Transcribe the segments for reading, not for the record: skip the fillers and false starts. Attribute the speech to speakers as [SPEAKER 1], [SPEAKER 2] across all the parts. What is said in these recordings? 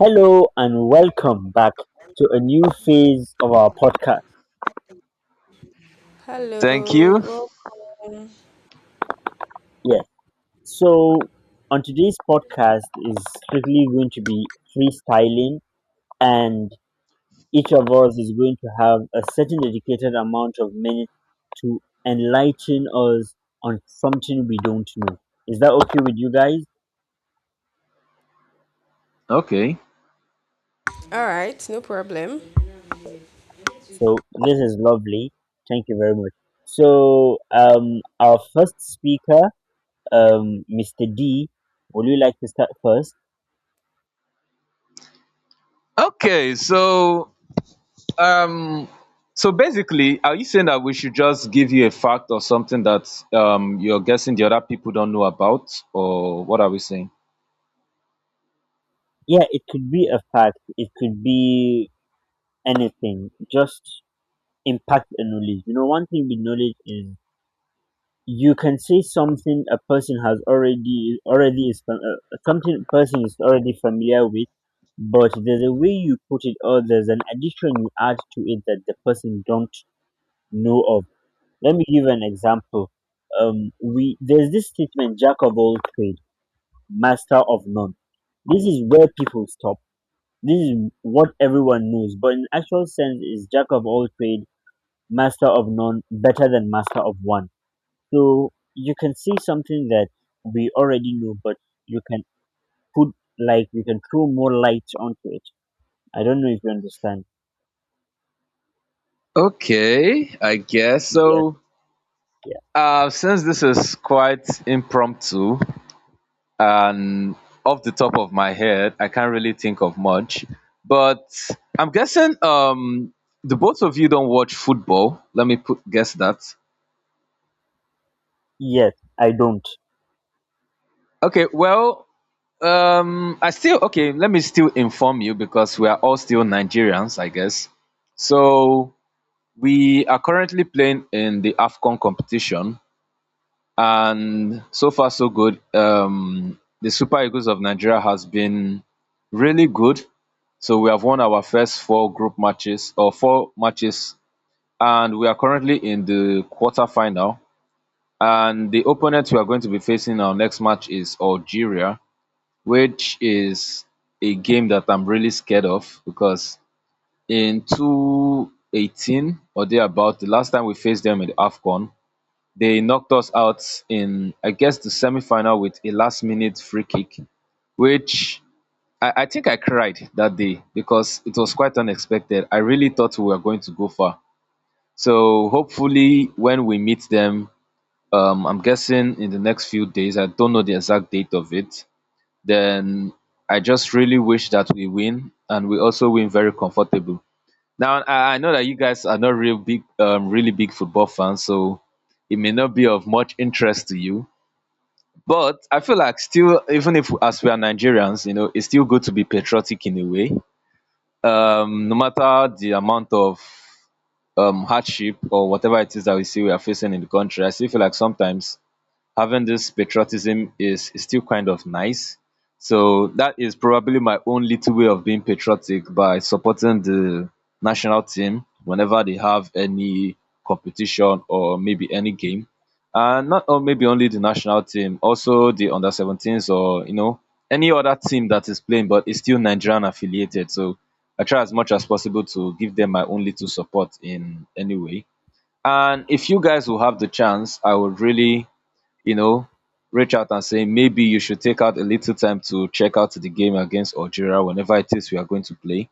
[SPEAKER 1] Hello and welcome back to a new phase of our podcast.
[SPEAKER 2] Thank
[SPEAKER 3] Hello,
[SPEAKER 2] you.
[SPEAKER 3] welcome.
[SPEAKER 1] Yeah. So on today's podcast is strictly going to be freestyling, and each of us is going to have a certain dedicated amount of minutes to enlighten us on something we don't know. Is that okay with you guys?
[SPEAKER 2] Okay.
[SPEAKER 3] All right, no problem.
[SPEAKER 1] So this is lovely. Thank you very much. So our first speaker, Mr. D, would you like to start first?
[SPEAKER 2] Okay. Um, so basically, are you saying that we should just give you a fact or something that you're guessing the other people don't know about, or what are we saying?
[SPEAKER 1] Yeah, it could be a fact. It could be anything. Just impact and knowledge. You know, one thing with knowledge is you can say something a person has already something a person is already familiar with, but there's a way you put it or there's an addition you add to it that the person don't know of. Let me give an example. We there's this statement: jack of all trades, master of none. This is where people stop. This is what everyone knows, but in actual sense is jack of all trade, master of none, better than master of one. So you can see something that we already know, but you can put, like, you can throw more light onto it. I don't know if you understand.
[SPEAKER 2] Okay, I guess
[SPEAKER 1] Yes,
[SPEAKER 2] so.
[SPEAKER 1] yeah.
[SPEAKER 2] Since this is quite impromptu and off the top of my head, I can't really think of much. But I'm guessing the both of you don't watch football. Let me put guess that.
[SPEAKER 1] Yes, I don't.
[SPEAKER 2] Okay, well, I still okay. Let me still inform you because we are all still Nigerians, I guess. So we are currently playing in the Afcon competition, and so far so good. The Super Eagles of Nigeria has been really good. So we have won our first four group matches or four matches, and we are currently in the quarterfinal. And the opponent we are going to be facing in our next match is Algeria which is a game that I'm really scared of because in 2018 or thereabout, the last time we faced them in the AFCON, they knocked us out in, I guess, the semi-final with a last-minute free kick, which I think I cried that day because it was quite unexpected. I really thought we were going to go far. So hopefully, when we meet them, I'm guessing in the next few days, I don't know the exact date of it, then I just really wish that we win and we also win very comfortable. Now I know that you guys are not really big football fans, so it may not be of much interest to you. But I feel like still, even if as we are Nigerians, you know, it's still good to be patriotic in a way. No matter the amount of hardship or whatever it is that we see we are facing in the country, I still feel like sometimes having this patriotism is still kind of nice. So that is probably my own little way of being patriotic by supporting the national team whenever they have any competition or maybe any game. And not or maybe only the national team, also the under 17s or you know, any other team that is playing but is still Nigerian affiliated. So I try as much as possible to give them my own little support in any way. And if you guys will have the chance, I would really you know reach out and say maybe you should take out a little time to check out the game against Algeria whenever it is we are going to play.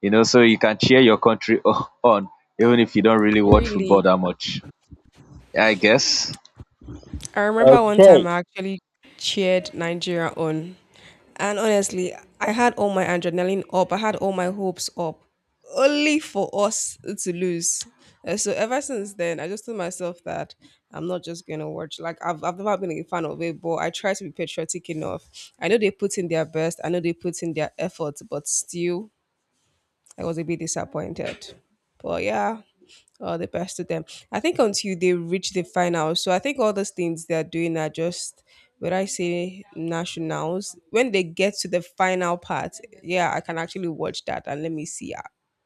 [SPEAKER 2] You know, so you can cheer your country on even if you don't really watch
[SPEAKER 3] Really,
[SPEAKER 2] football that much. I guess.
[SPEAKER 3] I remember one
[SPEAKER 1] Okay,
[SPEAKER 3] time I actually cheered Nigeria on, and honestly, I had all my adrenaline up, I had all my hopes up, only for us to lose. And so, ever since then, I just told myself that I'm not just gonna watch. Like, I've never been a fan of it, but I try to be patriotic enough. I know they put in their best, I know they put in their effort, but still. I was a bit disappointed. But yeah, all the best to them. I think until they reach the final. So I think all those things they're doing are just when I say nationals, when they get to the final part, yeah, I can actually watch that and let me see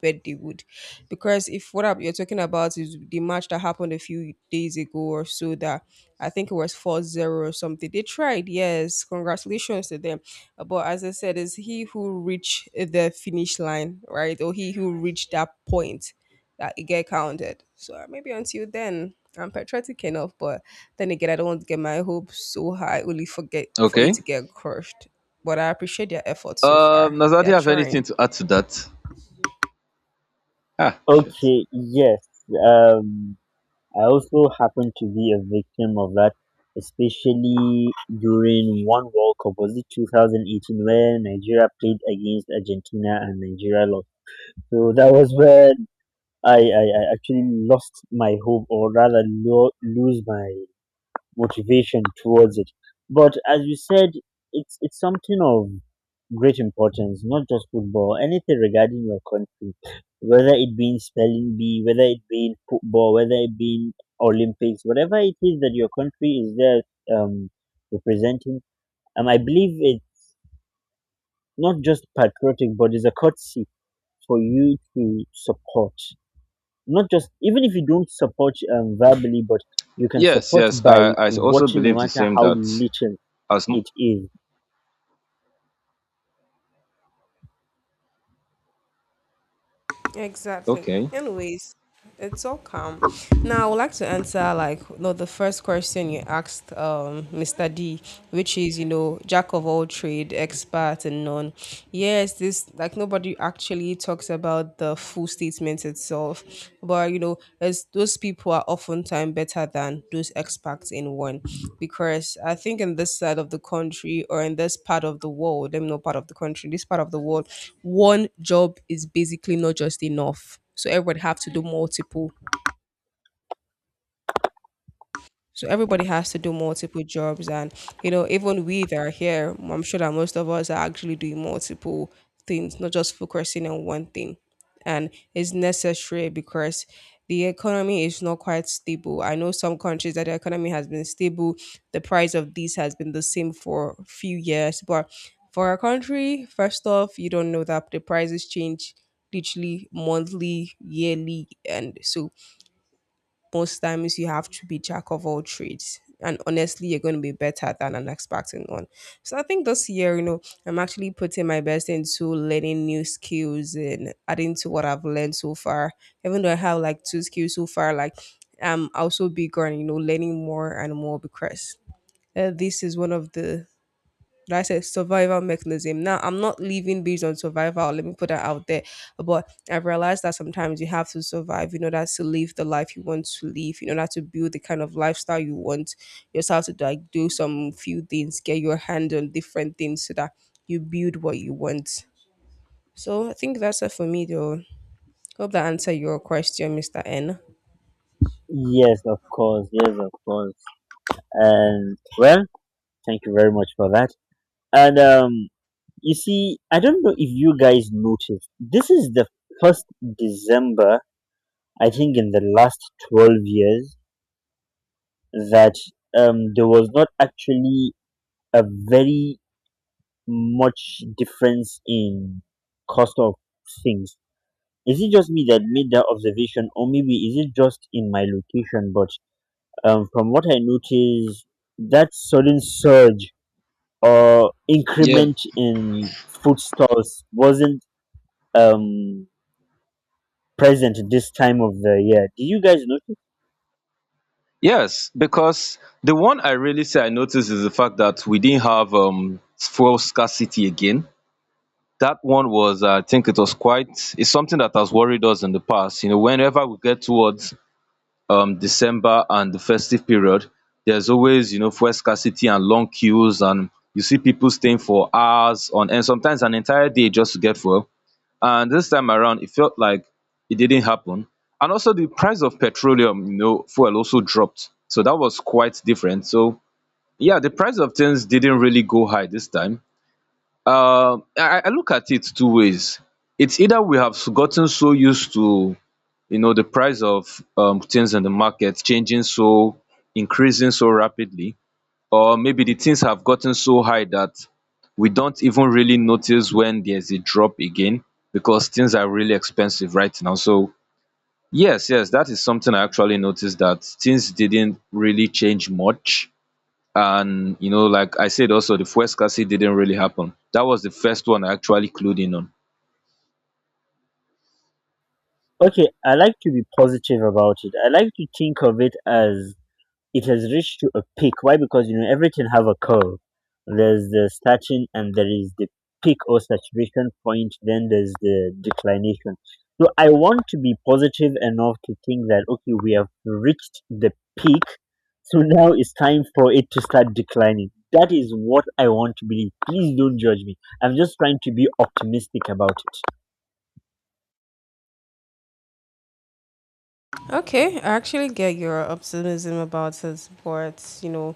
[SPEAKER 3] where they would. Because if you're talking about is the match that happened a few days ago or so that I think it was 4-0 or something. They tried, yes. Congratulations to them. But as I said, it's he who reach the finish line, right? Or he who reached that point that it get counted. So maybe until then, I'm patriotic enough, but then again, I don't want to get my hopes so high only forget for it
[SPEAKER 2] Okay.
[SPEAKER 3] to get crushed. But I appreciate their effort so far. They
[SPEAKER 2] Nazadi
[SPEAKER 3] are
[SPEAKER 2] have anything
[SPEAKER 3] trying.
[SPEAKER 2] to add to that? Ah, shit.
[SPEAKER 1] okay, yes. Um I also happened to be a victim of that, especially during one World Cup. Was it 2018 where Nigeria played against Argentina and Nigeria lost? So that was where I actually lost my hope, or rather, lose my motivation towards it. But as you said, it's something of great importance, not just football, anything regarding your country, whether it be in spelling bee, whether it be in football, whether it be in Olympics, whatever it is that your country is there representing. I believe it's not just patriotic, but it's a courtesy for you to support. Not just, even if you don't support verbally, but you can
[SPEAKER 2] Yes,
[SPEAKER 1] support
[SPEAKER 2] yes. I
[SPEAKER 1] by
[SPEAKER 2] I also
[SPEAKER 1] watching, no
[SPEAKER 2] believe the
[SPEAKER 1] matter
[SPEAKER 2] same
[SPEAKER 1] how
[SPEAKER 2] that
[SPEAKER 1] little
[SPEAKER 2] as m-
[SPEAKER 1] it is.
[SPEAKER 3] Exactly.
[SPEAKER 2] okay.
[SPEAKER 3] Anyways, it's all calm. Now, I would like to answer like you know, the first question you asked, Mr. D, which is you know jack of all trade, expert and none. Yes, this like nobody actually talks about the full statement itself yourself. But you know, as those people are oftentimes better than those expats in one, because I think in this side of the country or in this part of the world, I'm not part of the country, this part of the world, one job is basically not just enough. So everybody have to do multiple. So everybody has to do multiple jobs, and you know, even we that are here, I'm sure that most of us are actually doing multiple things, not just focusing on one thing. And it's necessary because the economy is not quite stable. I know some countries that the economy has been stable, the price of this has been the same for a few years, but for a country, first off, you don't know that the prices change literally monthly, yearly, and so most times you have to be jack of all trades. And honestly, you're going to be better than I'm expecting on. So I think this year, you know, I'm actually putting my best into learning new skills and adding to what I've learned so far. Even though I have like two skills so far, like I'm also bigger and, you know, learning more and more because this is one of the like I said, survival mechanism. Now, I'm not living based on survival. Let me put that out there. But I've realized that sometimes you have to survive in order to live the life you want to live, in order to build the kind of lifestyle you want yourself to like do some few things, get your hand on different things so that you build what you want. So I think that's it for me though. Hope that answered your question, Mr. N.
[SPEAKER 1] Yes, of course. Yes, of course. And well, thank you very much for that. And you see, I don't know if you guys noticed. This is the first December, I think, in the last 12 years that there was not actually a very much difference in cost of things. Is it just me that made that observation, or maybe is it just in my location? But from what I noticed, that sudden surge or
[SPEAKER 2] Yeah.
[SPEAKER 1] increment in food stalls wasn't um, present this time of the year. Did you guys notice?
[SPEAKER 2] Yes, because the one I really say I noticed is the fact that we didn't have fuel scarcity again, that one was, I think it was quite, it's something that has worried us in the past, you know, whenever we get towards december and the festive period, there's always, you know, fuel scarcity and long queues and you see people staying for hours on and sometimes an entire day just to get fuel. And this time around it felt like it didn't happen, and also the price of petroleum, you know, fuel also dropped, so that was quite different. So yeah, the price of things didn't really go high this time. I look at it two ways. It's either we have gotten so used to, you know, the price of things in the market changing so increasing so rapidly, or maybe the things have gotten so high that we don't even really notice when there's a drop again, because things are really expensive right now. So yes, yes, that is something I actually noticed, that things didn't really change much. And you know, like I said, also the fuel scarcity didn't really happen, that was the first one I actually clued in on.
[SPEAKER 1] Okay, I like to be positive about it. I like to think of it as it has reached to a peak. Why? Because you know everything have a curve. There's the starting and there is the peak or saturation point. Then there's the declination. So I want to be positive enough to think that, okay, we have reached the peak. So now it's time for it to start declining. That is what I want to believe. Please don't judge me. I'm just trying to be optimistic about it.
[SPEAKER 3] Okay, I actually get your optimism about it, but you know,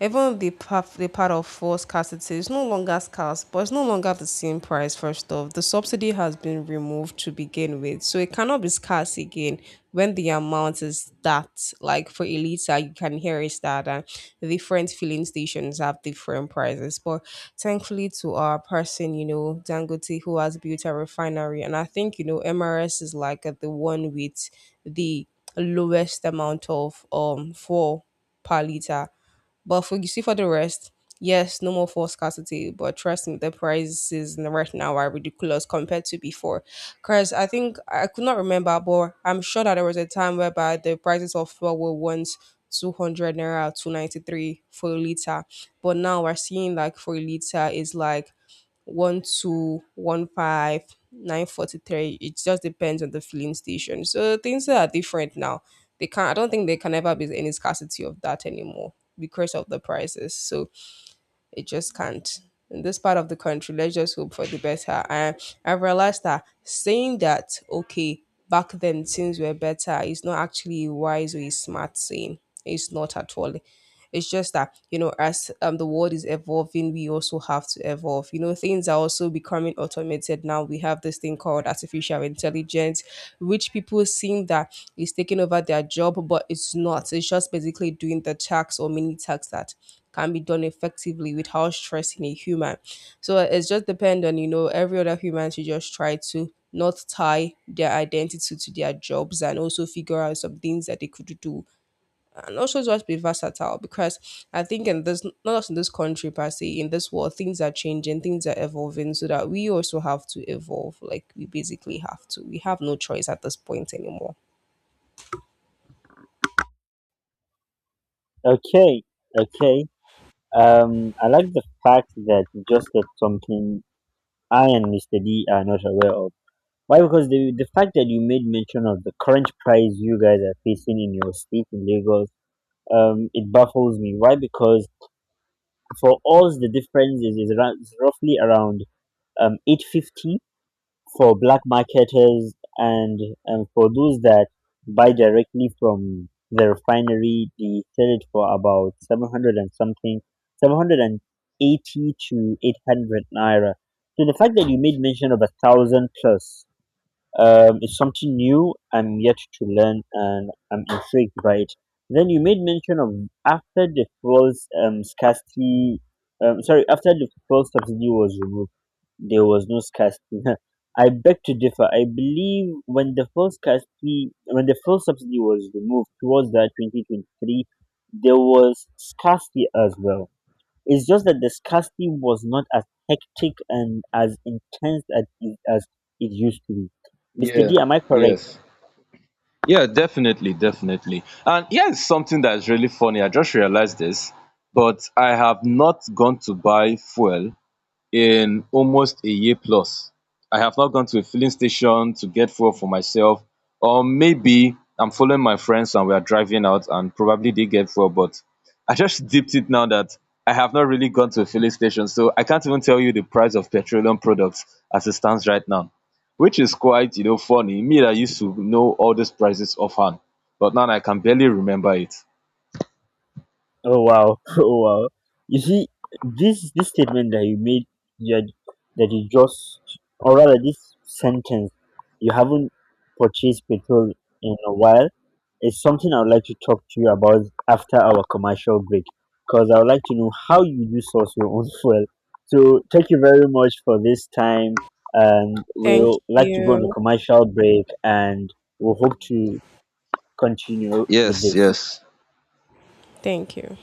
[SPEAKER 3] even the part of forced scarcity is no longer scarce, but it's no longer the same price. First off, the subsidy has been removed to begin with, so it cannot be scarce again when the amount is that. Like for Elisa, you can hear is that different filling stations have different prices. But thankfully to our person, you know, Dangote, who has built a refinery, and I think you know MRS is like the one with the lowest amount of for per liter. But for you see for the rest, yes, no more force scarcity. But trust me, right now are ridiculous compared to before. Cause I think I could not remember, but I'm sure that there was a time whereby the prices of fuel were once 200 naira, 293 for a liter. But now we're seeing like for a liter is like one two one five nine forty three. It just depends on the filling station. So things are different now. They can't. I don't think there can ever be any scarcity of that anymore because of the prices. So it just can't. In this part of the country, let's just hope for the better. And I realized that saying that, okay, back then things were better, is not actually a wise or a smart saying. It's not at all. It's just that, you know, as the world is evolving, we also have to evolve. You know, things are also becoming automated now. We have this thing called artificial intelligence, which people seem that is taking over their job, but it's not. It's just basically doing the tasks or mini tasks that can be done effectively without stressing a human. So it's just depend on, you know, every other human to just try to not tie their identity to their jobs and also figure out some things that they could do and also just be versatile because I think in this not just in this country per se, in this world things are changing, things are evolving so that we also have to evolve. Like we basically have to. We have no choice at this point anymore.
[SPEAKER 1] Okay, okay. I like the fact that you just said something I and Mr. D are not aware of. Why? Because the fact that you made mention of the current price you guys are facing in your state in Lagos, it baffles me. Why? Because for us, the difference is around, is roughly around 850 for black marketers, and for those that buy directly from the refinery, they sell it for about 700 and something, 780 to 800 naira. So the fact that you made mention of a thousand plus, it's something new I'm yet to learn and I'm intrigued by it. Then you made mention of, after the fuel subsidy was removed, there was no scarcity. I beg to differ. I believe when the fuel subsidy was removed towards that 2023, there was scarcity as well. It's just that the scarcity was not as hectic and as intense as it used to be. Mr. D,
[SPEAKER 2] Yeah.
[SPEAKER 1] am I correct?
[SPEAKER 2] Yes. Yeah, definitely, definitely. And here's something that's really funny, I just realized this, but I have not gone to buy fuel in almost a year plus. I have not gone to a filling station to get fuel for myself, or maybe I'm following my friends and we are driving out and probably they get fuel. But I just dipped it now that I have not really gone to a filling station, so I can't even tell you the price of petroleum products as it stands right now, which is quite, you know, funny, me that used to know all these prices offhand, but now I can barely remember it.
[SPEAKER 1] Oh wow, oh wow. You see, this statement that you made, that that you just, or rather, this sentence you haven't purchased petrol in a while, is something I would like to talk to you about after our commercial break, because I would like to know how you do source your own fuel. So thank you very much for this time, and
[SPEAKER 3] Thank
[SPEAKER 1] we'll like to go on a
[SPEAKER 3] you.
[SPEAKER 1] commercial break, and we'll hope to continue with
[SPEAKER 2] Yes,
[SPEAKER 1] this.
[SPEAKER 2] yes.
[SPEAKER 3] Thank you.